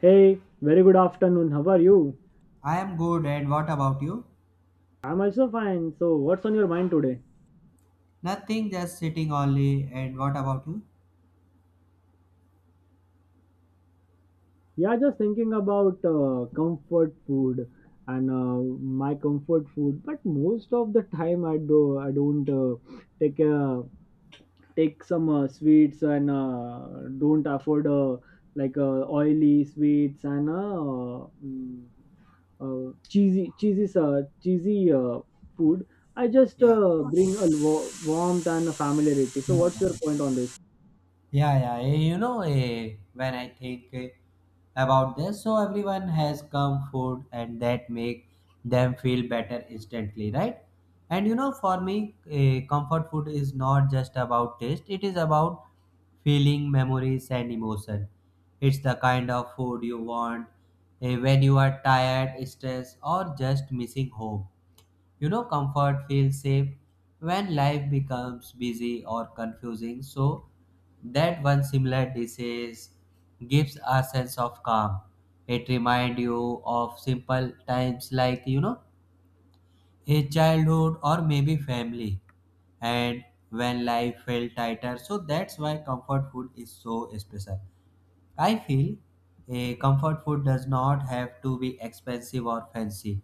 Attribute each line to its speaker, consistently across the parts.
Speaker 1: Hey, very good afternoon. How are you?
Speaker 2: I am good, and what about you?
Speaker 1: I'm also fine. So, what's on your mind today?
Speaker 2: Nothing, just sitting only. And what about you?
Speaker 1: Yeah, just thinking about comfort food and my comfort food. But most of the time, I don't take take some sweets and don't afford like oily sweets and cheesy food. I just
Speaker 2: Yeah.
Speaker 1: bring a warmth and a familiarity. So,
Speaker 2: Yeah,
Speaker 1: what's your point on this?
Speaker 2: yeah, yeah. You know, when I think about this, so everyone has come food, and that make them feel better instantly, right? And you know, for me, comfort food is not just about taste; it is about feeling, memories, and emotion. It's the kind of food you want when you are tired, stressed, or just missing home. You know, comfort feels safe when life becomes busy or confusing, so that one similar disease gives a sense of calm. It reminds you of simple times like, you know, a childhood or maybe family, and when life felt tighter. So that's why comfort food is so special. I feel a comfort food does not have to be expensive or fancy.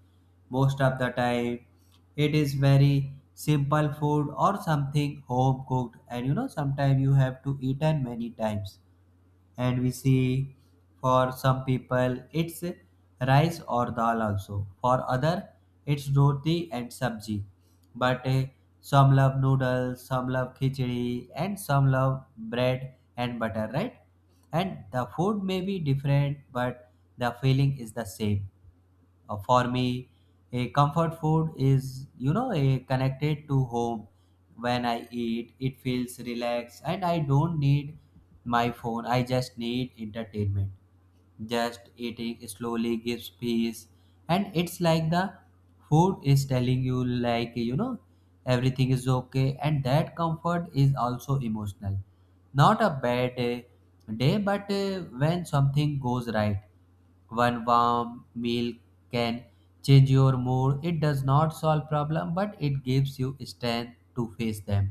Speaker 2: Most of the time, it is very simple food or something home cooked, and you know, sometimes you have to eat and many times, and we see for some people it's rice or dal, also for other it's roti and sabji, but some love noodles, some love khichdi, and some love bread and butter, right? And the food may be different, but the feeling is the same. For me, a comfort food is, you know, a connected to home. When I eat, it feels relaxed and I don't need my phone. I just need entertainment, just eating slowly gives peace, and it's like the food is telling you, like, you know, everything is okay, and that comfort is also emotional, not a bad day, but when something goes right, one warm meal can change your mood. It does not solve problem, but it gives you strength to face them,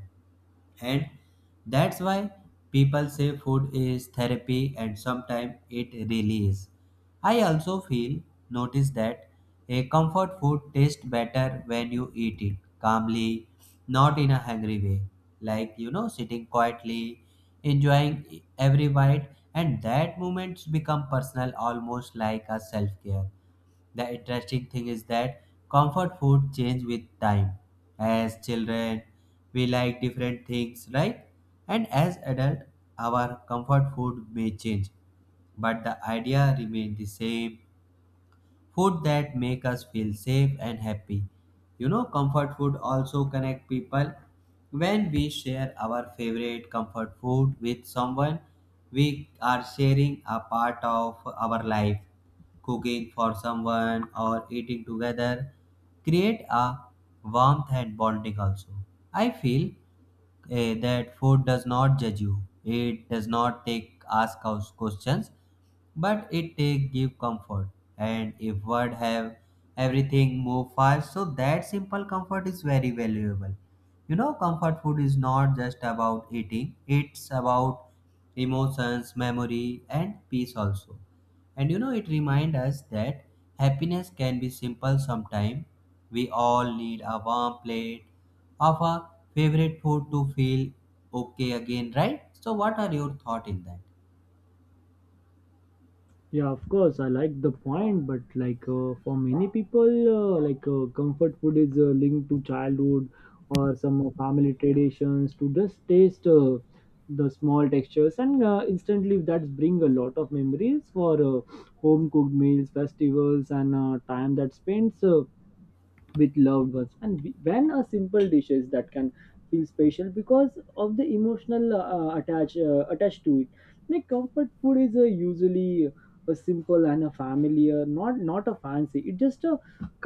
Speaker 2: and that's why people say food is therapy and sometimes it really is. I also feel, notice that a comfort food tastes better when you eat it calmly, not in a hungry way, like, you know, sitting quietly, enjoying every bite, and that moments become personal, almost like a self care. The interesting thing is that comfort food change with time. As children, we like different things, right? And as adult, our comfort food may change, but the idea remain the same: food that make us feel safe and happy. You know, comfort food also connect people. When we share our favorite comfort food with someone, we are sharing a part of our life. Cooking for someone or eating together create a warmth and bonding also. I feel that food does not judge you. It does not take ask us questions, but it take give comfort. And if world have everything move fast, so that simple comfort is very valuable. You know, comfort food is not just about eating, it's about emotions, memory, and peace also. And you know, it reminds us that happiness can be simple. Sometimes we all need a warm plate of our favorite food to feel okay again, right? So what are your thoughts in that?
Speaker 1: Yeah, of course, I like the point, but for many people, comfort food is linked to childhood or some family traditions to just taste the small textures, and instantly that's bring a lot of memories for home cooked meals, festivals, and time that spends with loved ones and when a simple dish is that can feel special because of the emotional attached to it. Like comfort food is usually a simple and a familiar, not a fancy. It's just a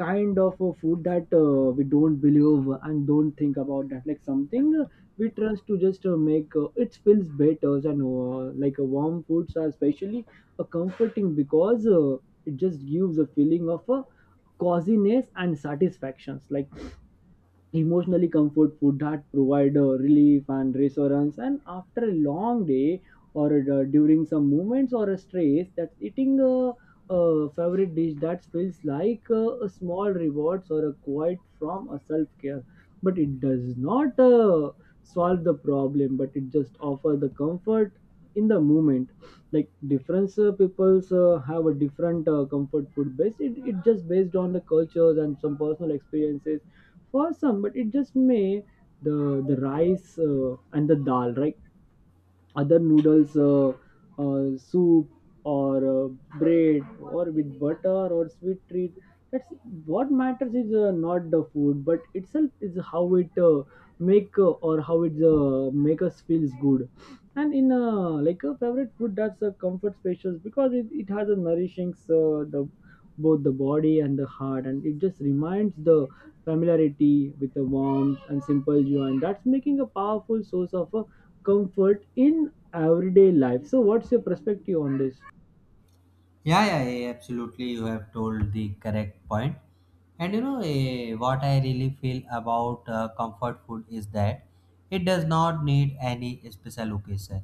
Speaker 1: kind of a food that we don't believe and don't think about that, like something we trust to just make it feels better, and like a warm foods are especially a comforting because it just gives a feeling of a coziness and satisfactions. Like emotionally, comfort food that provide relief and reassurance, and after a long day or during some moments or a stress, that's eating a favorite dish that feels like a small rewards or a quiet from a self-care, but it does not solve the problem, but it just offer the comfort in the moment. Like different peoples have a different comfort food base, it just based on the cultures and some personal experiences. For some, but it just may, the rice and the dal, right? Other noodles, soup or bread or with butter or sweet treat. That's what matters is not the food, but itself is how it make or how it make us feels good. And in like a favorite food, that's a comfort specials because it has a nourishing the both the body and the heart, and it just reminds the familiarity with the warmth and simple joy, and that's making a powerful source of a comfort in everyday life. So, what's your perspective on this?
Speaker 2: Yeah, yeah, yeah, absolutely. You have told the correct point. And you know, what I really feel about comfort food is that it does not need any special occasion.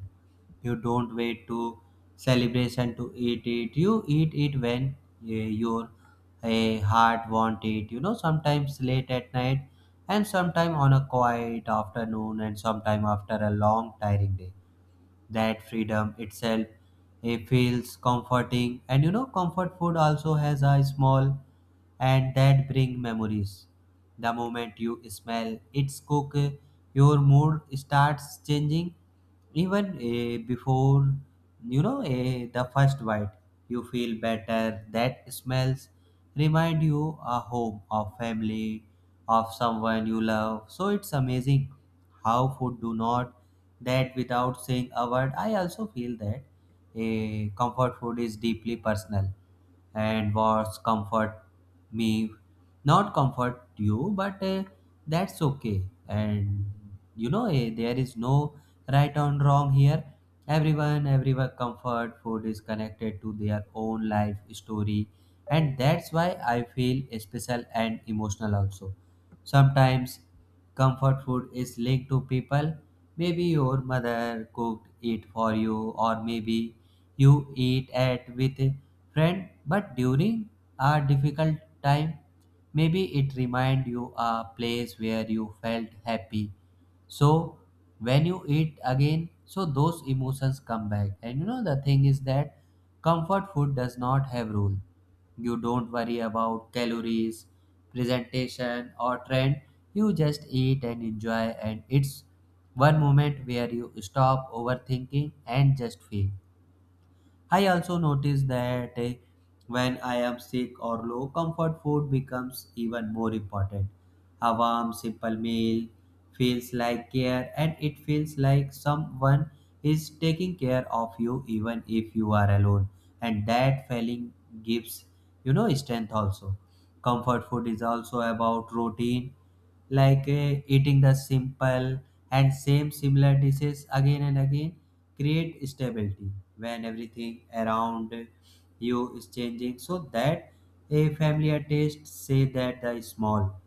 Speaker 2: You don't wait to celebration to eat it. You eat it when your heart want it. You know, sometimes late at night, and sometime on a quiet afternoon, and sometime after a long tiring day, that freedom itself, it feels comforting. And you know, comfort food also has a small and that bring memories. The moment you smell its cook, your mood starts changing even before you know the first bite. You feel better, that smells remind you a home, of family, of someone you love, so it's amazing how food do not that without saying a word. I also feel that a comfort food is deeply personal, and what's comfort me not comfort you, but that's okay. And you know, there is no right and wrong here. Everyone comfort food is connected to their own life story, and that's why I feel special and emotional also. Sometimes comfort food is linked to people. Maybe your mother cooked it for you, or maybe you eat it with a friend. But during a difficult time, maybe it reminds you a place where you felt happy. So when you eat again, so those emotions come back. And you know, the thing is that comfort food does not have rule. You don't worry about calories, presentation, or trend. You just eat and enjoy, and it's one moment where you stop overthinking and just feel. I also notice that when I am sick or low, comfort food becomes even more important. A warm, simple meal feels like care, and it feels like someone is taking care of you even if you are alone. And that feeling gives, you know, strength also. Comfort food is also about routine, like eating the simple and same similar dishes again and again create stability when everything around you is changing. So that a familiar taste say that the small,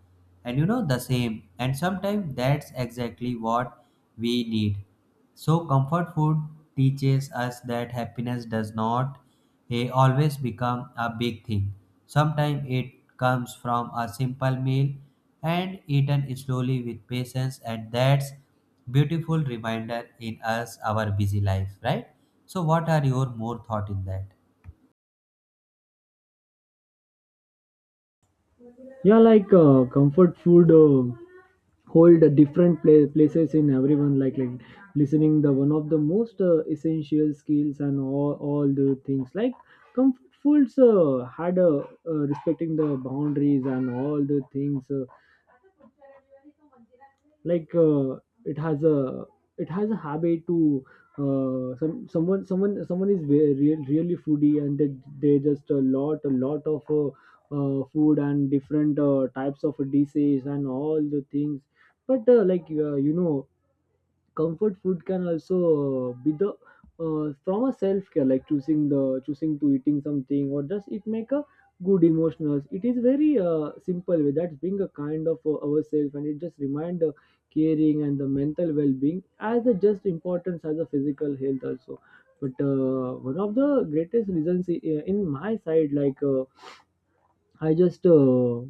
Speaker 2: and you know, the same, and sometimes that's exactly what we need. So comfort food teaches us that happiness does not he always become a big thing. Sometimes it comes from a simple meal and eaten slowly with patience, and that's beautiful reminder in us our busy life, right? So what are your more thought in that?
Speaker 1: Yeah, like comfort food hold a different places in everyone. Like listening, the one of the most essential skills and all the things. Like comfort foods had a respecting the boundaries and all the things. Like uh, it has a it has a habit to some someone is really foodie, and they just a lot of food and different types of dishes and all the things. But you know, comfort food can also be the from a self care, like choosing to eating something or just it make a good emotionals. It is very simple way, that's being a kind of ourselves, and it just remind the caring and the mental well-being as a just importance as a physical health also. But one of the greatest reasons in my side, I just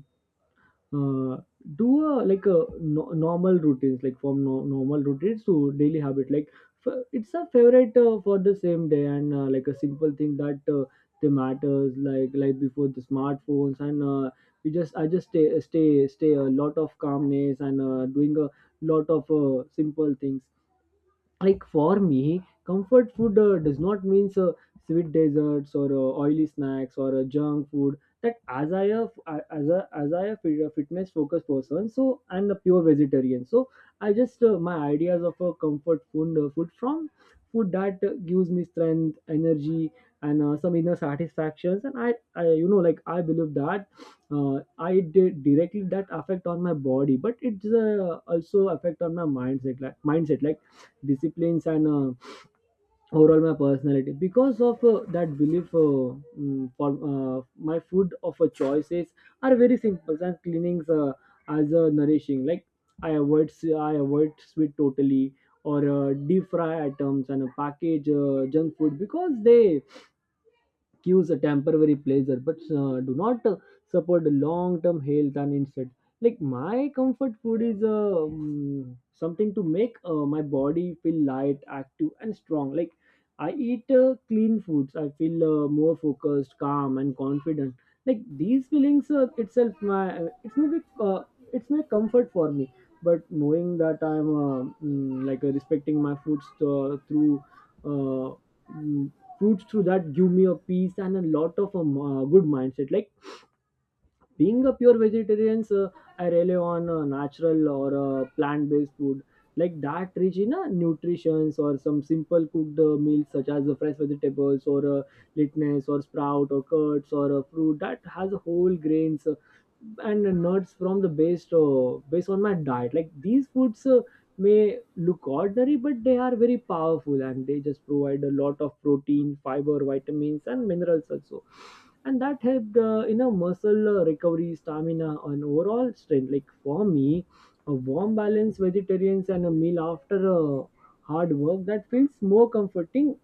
Speaker 1: uh, do a like a no, normal routines, like from no, normal routines to daily habit, like it's a favorite for the same day, and like a simple thing that they matters, like before the smartphones, and we just I just stay a lot of calmness, and doing a lot of simple things. Like for me, comfort food does not means sweet desserts or oily snacks or junk food. That, as a as I a a fitness focused person, so I'm a pure vegetarian, so I just my ideas of a comfort food food from food that gives me strength energy and some inner satisfactions. And I, you know, like I believe that I did directly that affect on my body, but it's also affect on my mindset, like disciplines and overall my personality because of that belief. For my food of choices are very simple and cleanings, as nourishing. Like I avoid sweet totally or deep fry items and package junk food, because they cures a temporary pleasure, but do not support the long-term health. And instead, like my comfort food is something to make my body feel light, active, and strong. Like I eat clean foods, I feel more focused, calm, and confident. Like these feelings itself my it's my comfort for me. But knowing that I'm respecting my foods uh, through uh, mm, fruits through, that give me a peace and a lot of good mindset. Like being a pure vegetarian, I rely on natural or plant-based food, like that rich in nutrition or some simple cooked meals, such as fresh vegetables or litness or sprout or curds or fruit that has whole grains and nuts from the based based on my diet. Like these foods may look ordinary, but they are very powerful, and they just provide a lot of protein, fiber, vitamins, and minerals also. And that helped in a muscle recovery, stamina, and overall strength. Like for me, a warm balanced vegetarians and a meal after a hard work, that feels more comforting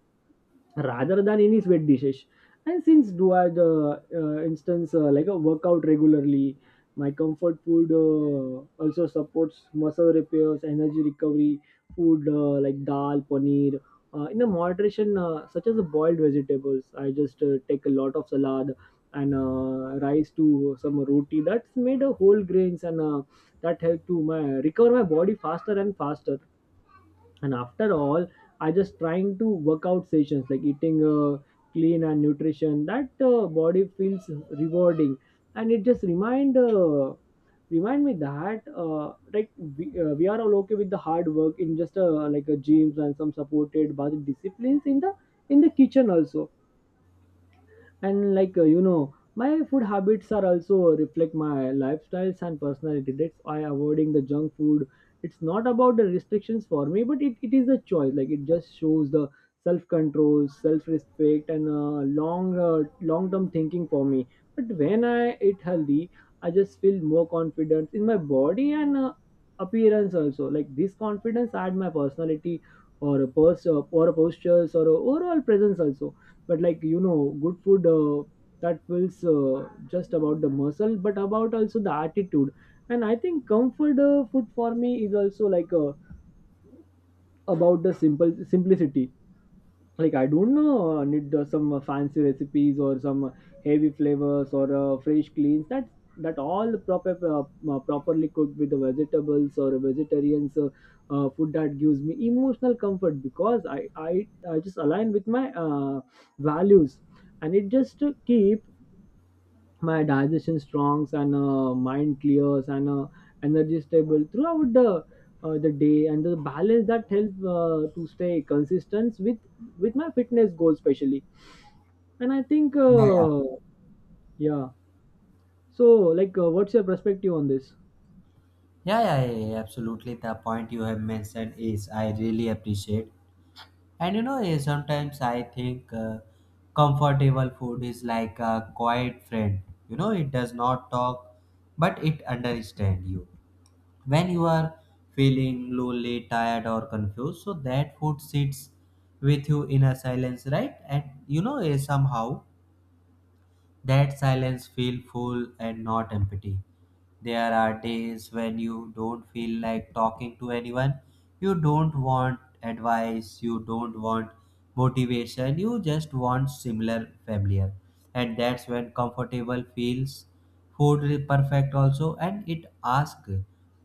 Speaker 1: rather than any sweat dishes. And since do I the instance like a workout regularly, my comfort food also supports muscle repairs, energy recovery. Food like dal, paneer, in a moderation, such as the boiled vegetables. I just take a lot of salad, and rice to some roti that's made of whole grains, and that help to my recover my body faster. And after all, I just trying to workout sessions, like eating clean and nutrition, that body feels rewarding. And it just remind me that like we are all okay with the hard work in just like a gyms, and some supported body disciplines in the kitchen also. And you know, my food habits are also reflect my lifestyles and personality. That's why avoiding the junk food, it's not about the restrictions for me, but it is a choice. Like it just shows the self-control, self-respect, and long-term thinking for me. But when I eat healthy, I just feel more confidence in my body and appearance also. Like this confidence add my personality or or a postures or a overall presence also. But like, you know, good food that feels just about the muscle, but about also the attitude. And I think comfort food for me is also about the simple simplicity. Like I don't know need some fancy recipes or some heavy flavors or fresh cleans, that all proper properly cooked with the vegetables or vegetarians food that gives me emotional comfort, because I just align with my values. And it just keep my digestion strongs and mind clears and energy stable throughout the the day. And the balance that helps to stay consistent with my fitness goals especially. And I think
Speaker 2: Yeah, yeah.
Speaker 1: yeah, so what's your perspective on this?
Speaker 2: Yeah, yeah, yeah, yeah, absolutely. The point you have mentioned is I really appreciate. And you know, sometimes I think comfortable food is like a quiet friend. You know, it does not talk, but it understands you. When you are feeling lonely, tired, or confused, so that food sits with you in a silence, right? And you know, somehow that silence feels full and not empty. There are days when you don't feel like talking to anyone. You don't want advice, you don't want motivation, you just want similar familiar. And that's when comfortable feels food is perfect also, and it asks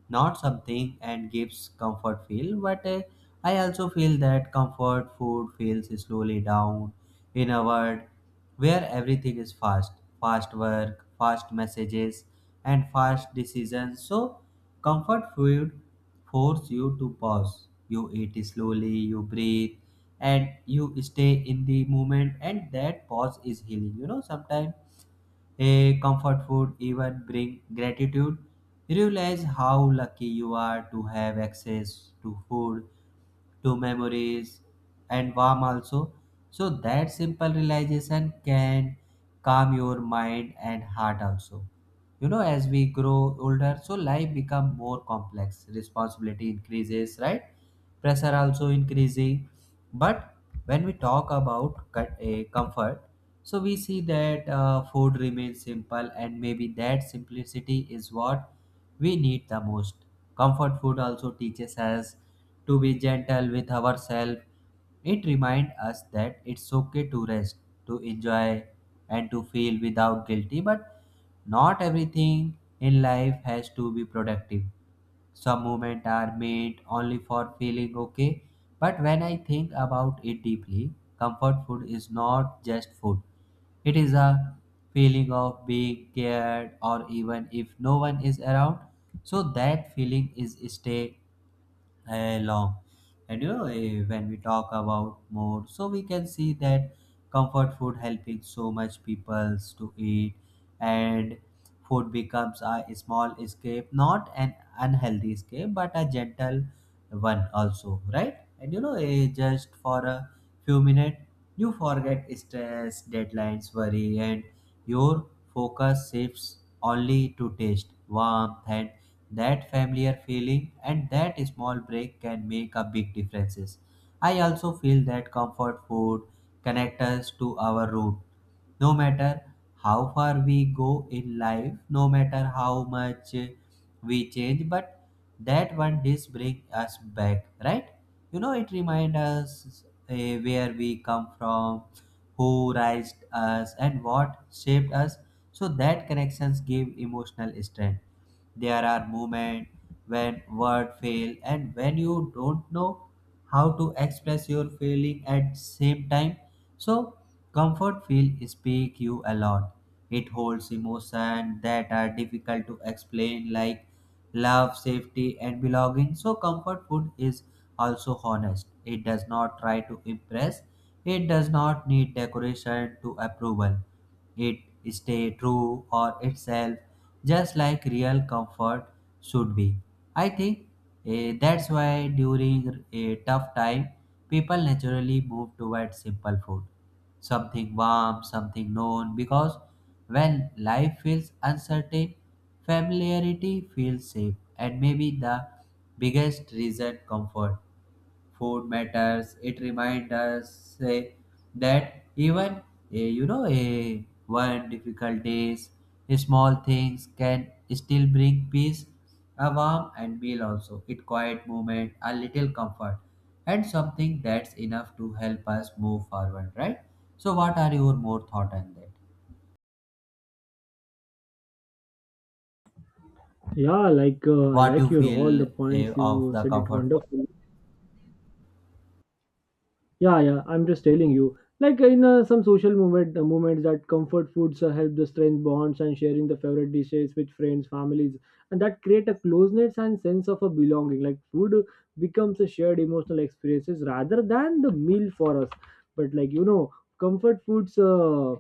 Speaker 2: not something and gives comfort feel, but I also feel that comfort food feels slowly down in a word where everything is fast, fast work, fast messages, and fast decisions. So comfort food force you to pause. You eat slowly, you breathe, and you stay in the moment, and that pause is healing. You know, sometimes a comfort food even bring gratitude, realize how lucky you are to have access to food, to memories, and warm also. So that simple realization can calm your mind and heart also. You know, as we grow older, so life become more complex. Responsibility increases, right? Pressure also increasing. But when we talk about comfort, so we see that food remains simple, and maybe that simplicity is what we need the most. Comfort food also teaches us to be gentle with ourselves. It reminds us that it's okay to rest, to enjoy, and to feel without guilty. But not everything in life has to be productive. Some moments are made only for feeling okay. But when I think about it deeply, comfort food is not just food. It is a feeling of being cared or even if no one is around. So that feeling is stay I love. And you know, when we talk about more, so we can see that comfort food helping so much peoples to eat, and food becomes a small escape, not an unhealthy escape, but a gentle one also, right? And you know, just for a few minutes, you forget stress, deadlines, worry, and your focus shifts only to taste, warmth, and that familiar feeling, and that small break can make a big differences. I also feel that comfort food connects us to our root. No matter how far we go in life, no matter how much we change, but that one dish brings us back, right? You know, it reminds us uh, where we come from, who raised us, and what shaped us. So that connections give emotional strength. There are moments when words fail and when you don't know how to express your feeling at same time. So comfort feel speak you a lot. It holds emotion that are difficult to explain, like love, safety, and belonging. So comfort food is also honest. It does not try to impress. It does not need decoration to approval, it stay true or itself, just like real comfort should be. I think that's why during a tough time, people naturally move towards simple food, something warm, something known, because when life feels uncertain, familiarity feels safe. And maybe the biggest reason comfort food matters, it reminds us that even a one difficult days small things can still bring peace, a warm and meal also it quiet moment a little comfort and something that's enough to help us move forward, right? So what are your more thought on that?
Speaker 1: Yeah, I
Speaker 2: What
Speaker 1: like
Speaker 2: you
Speaker 1: your all
Speaker 2: feel
Speaker 1: the points, you
Speaker 2: of the
Speaker 1: said it
Speaker 2: comfort food?
Speaker 1: wonderful. Yeah, yeah. I'm just telling you. Like in some social movements that comfort foods help the strength bonds and sharing the favorite dishes with friends, families, and that create a closeness and sense of a belonging. Like food becomes a shared emotional experiences rather than the meal for us. But like you know, comfort foods.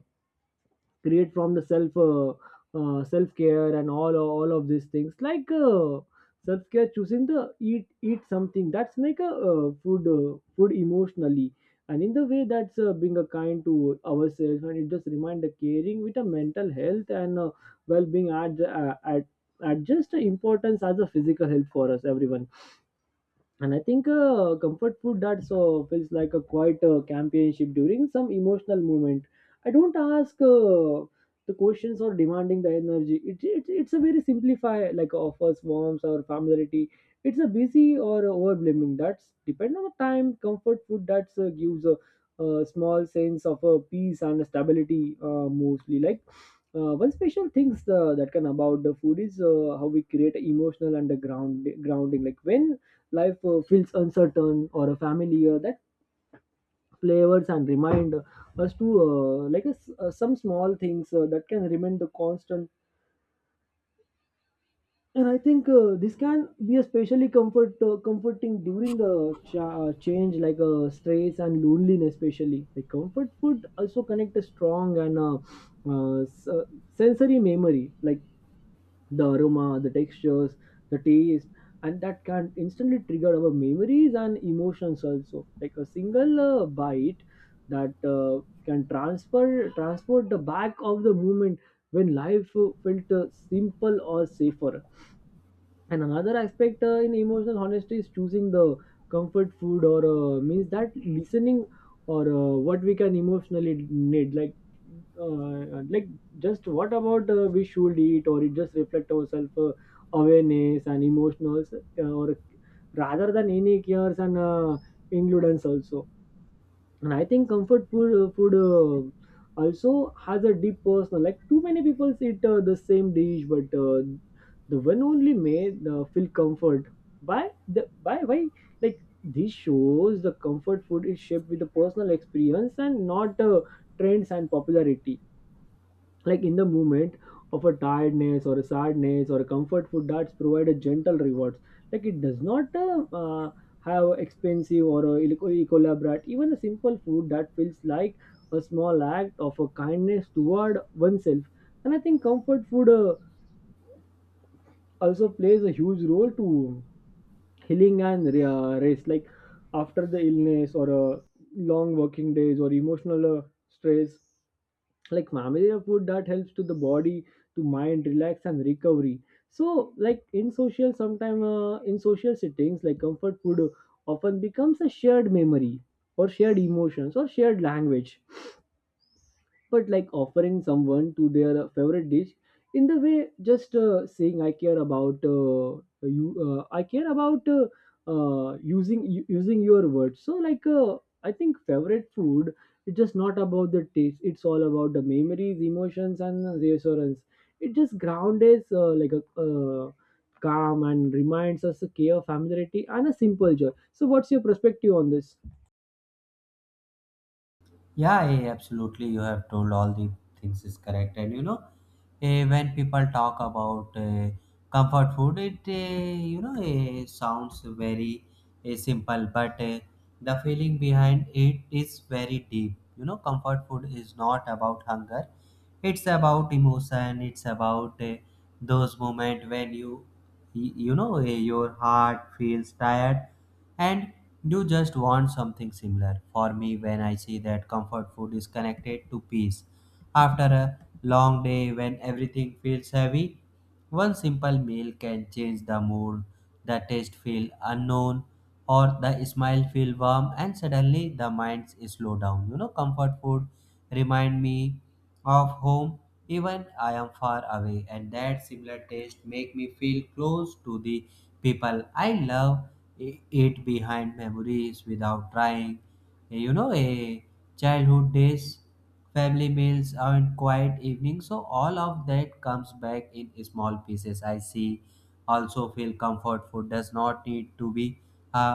Speaker 1: Create from the self self care and all of these things like self care, choosing the eat something that's make a food food emotionally and in the way that's being a kind to ourselves, and it just remind the caring with a mental health and well-being at at just importance as a physical health for us everyone. And I think comfort food that so feels like a quiet companionship during some emotional moment. I don't ask the questions or demanding the energy. It's a very simplify, like offers warmth or familiarity. It's a busy or over blaming that's depend on the time. Comfort food that gives a small sense of peace and stability, mostly like one special things that can about the food is how we create emotional underground grounding, like when life feels uncertain or a family that flavors and remind us to like us some small things that can remain the constant. And I think this can be especially comforting during the change, like stress and loneliness. Especially like comfort food also connect a strong and uh, s- uh, sensory memory, like the aroma, the textures, the taste, and that can instantly trigger our memories and emotions also. Like a single bite that can transfer transport the back of the moment when life felt simple or safer. And another aspect in emotional honesty is choosing the comfort food, or means that listening or what we can emotionally need, like just what about we should eat or it just reflect ourselves awareness and emotionals, or rather than any cares and inclusions also. And I think comfort food also has a deep personal, like too many people eat the same dish, but the one only made feel comfort by the by why, like this shows the comfort food is shaped with the personal experience and not trends and popularity. Like in the moment of a tiredness or a sadness, or a comfort food that's provided gentle rewards. Like it does not have expensive or elaborate. Even a simple food that feels like a small act of a kindness toward oneself. And I think comfort food also plays a huge role to healing and rest, like after the illness or long working days or emotional stress. Like familiar food that helps to the body to mind relax and recovery. So like in social sometime in social settings, like comfort food often becomes a shared memory or shared emotions or shared language. But like offering someone to their favorite dish in the way just saying, I care about you. I care about using your words. So like I think favorite food is just not about the taste, it's all about the memories, emotions and reassurance. It just grounds us like a calm and reminds us a care, familiarity and a simple joy. So what's your perspective on this?
Speaker 2: Yeah, absolutely. You have told all the things is correct, and you know, when people talk about comfort food, it sounds very simple, but the feeling behind it is very deep. You know, comfort food is not about hunger; it's about emotion. It's about those moment when you your heart feels tired and you just want something similar. For me, when I see that comfort food is connected to peace, after a long day when everything feels heavy, one simple meal can change the mood, the taste feel unknown, or the smile feel warm, and suddenly the mind is slow down. You know, comfort food remind me of home even I am far away, and that similar taste make me feel close to the people I love. It behind memories without trying. A childhood days, family meals and quiet evenings, so all of that comes back in small pieces. I see also feel comfort food does not need to be a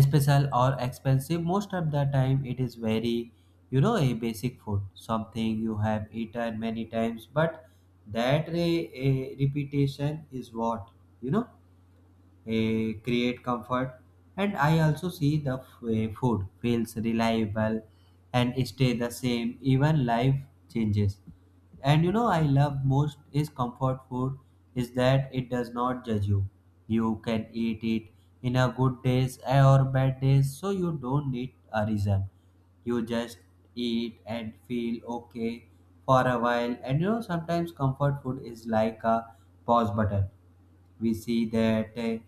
Speaker 2: special or expensive. Most of the time it is very, you know, a basic food, something you have eaten many times, but that a repetition is what, you know, create comfort. And I also see the food feels reliable and stay the same even life changes. And you know I love most is comfort food is that it does not judge you, you can eat it in a good days or bad days, so you don't need a reason, you just eat and feel okay for a while. And you know sometimes comfort food is like a pause button. We see that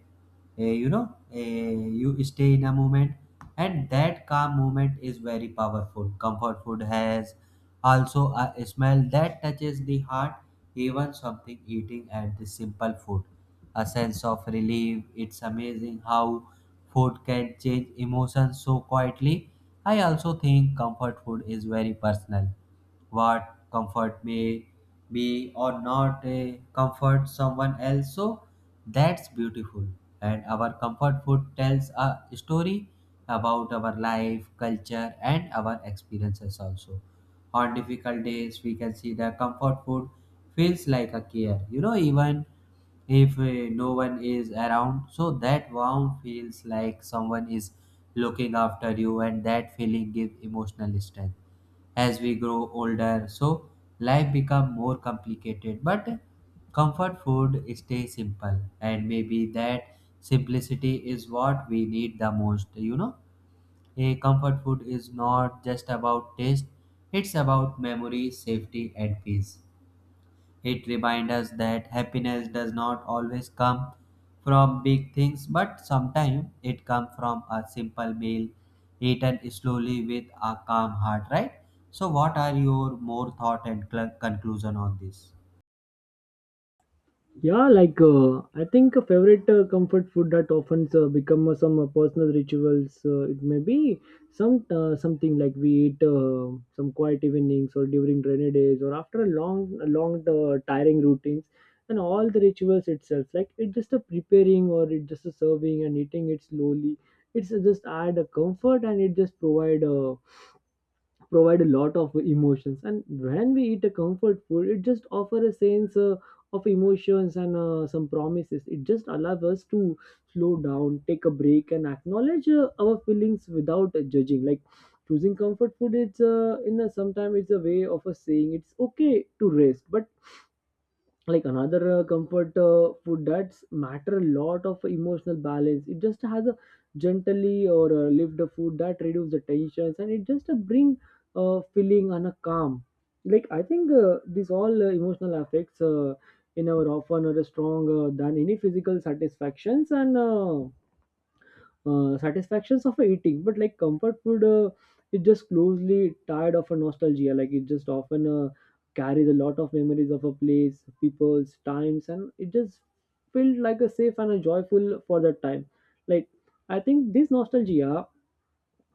Speaker 2: uh, you know uh, you stay in a moment, and that calm moment is very powerful. Comfort food has also a smell that touches the heart, even something eating at the simple food, a sense of relief. It's amazing how food can change emotions so quietly. I also think comfort food is very personal. What comfort may be or not a comfort someone else, so that's beautiful. And our comfort food tells a story about our life, culture, and our experiences also. On difficult days, we can see the comfort food feels like a care. You know, even if no one is around, so that warmth feels like someone is looking after you, and that feeling gives emotional strength as we grow older. So life become more complicated, but comfort food stay simple, and maybe that simplicity is what we need the most. You know a comfort food is not just about taste, it's about memory, safety, and peace. It reminds us that happiness does not always come from big things, but sometimes it comes from a simple meal eaten slowly with a calm heart, right? So, what are your more thought and conclusion on this?
Speaker 1: Yeah, like I think a favorite comfort food that often become some personal rituals. It may be something like we eat some quiet evenings or during rainy days or after a long tiring routines, and all the rituals itself. Like it just a preparing or it just a serving and eating it slowly. It's just add a comfort and it just provide a lot of emotions. And when we eat a comfort food, it just offers a sense of emotions and some promises. It just allows us to slow down, take a break and acknowledge our feelings without judging. Like choosing comfort food, it's in a sometimes it's a way of a saying it's okay to rest. But like another comfort food that's matter a lot of emotional balance. It just has a gently or lift the food that reduce the tensions and it just bring a feeling and a calm. Like I think these all emotional effects in our often are stronger than any physical satisfactions and satisfactions of eating. But like comfort food, it just closely tied of a nostalgia. Like it just often carries a lot of memories of a place, people's times, and it just felt like a safe and a joyful for that time. Like I think this nostalgia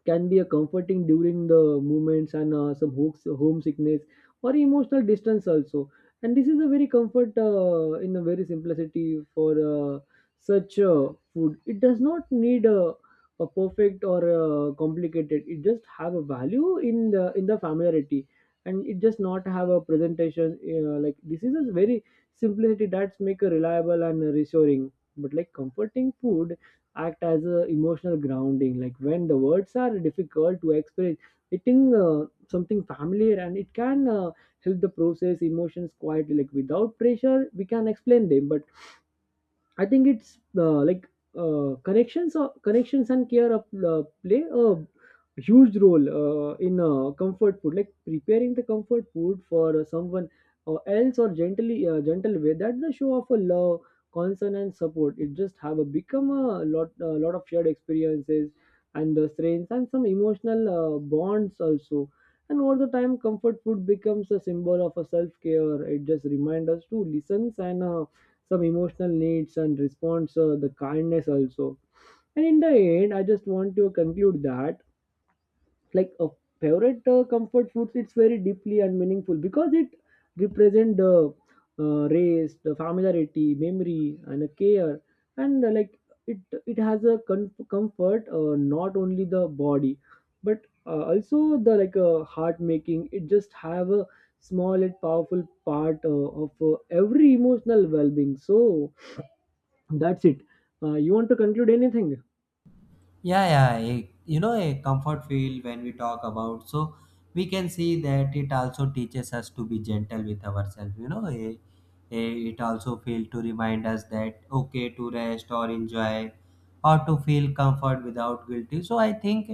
Speaker 1: can be a comforting during the movements and some hooks, homesickness or emotional distance also. And this is a very comfort in a very simplicity for such food. It does not need a perfect or complicated. It just have a value in the familiarity, and it just not have a presentation, like this is a very simplicity that's make a reliable and reassuring. But like comforting food act as a emotional grounding, like when the words are difficult to express, eating something familiar and it can help the process emotions quietly, like without pressure we can explain them. But I think it's like connections and care of play a huge role in comfort food. Like preparing the comfort food for someone else or gently gentle way. That's the show of a love, concern and support. It just have a become a lot of shared experiences and the strengths and some emotional bonds also. And over the time, comfort food becomes a symbol of a self care. It just reminds us to listen and some emotional needs and response the kindness also. And in the end, I just want to conclude that like a favorite comfort foods, it's very deeply and meaningful because it represent the race, the familiarity, memory and a care. And like it it has a comfort not only the body, but also the like heart, making it just have a small and powerful part of every emotional well-being. So that's it. You want to conclude anything?
Speaker 2: Yeah, yeah, a, you know a comfort feel when we talk about, so we can see that it also teaches us to be gentle with ourselves. You know a, it also feel to remind us that okay to rest or enjoy or to feel comfort without guilty. So I think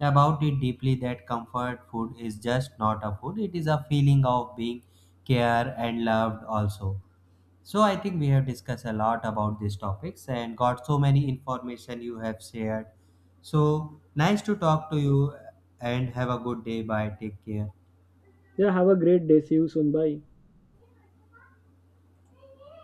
Speaker 2: about it deeply that comfort food is just not a food, it is a feeling of being care and loved also. So I think we have discussed a lot about these topics and got so many information you have shared. So nice to talk to you and have a good day. Bye. Take care.
Speaker 1: Yeah, have a great day. See you soon. Bye.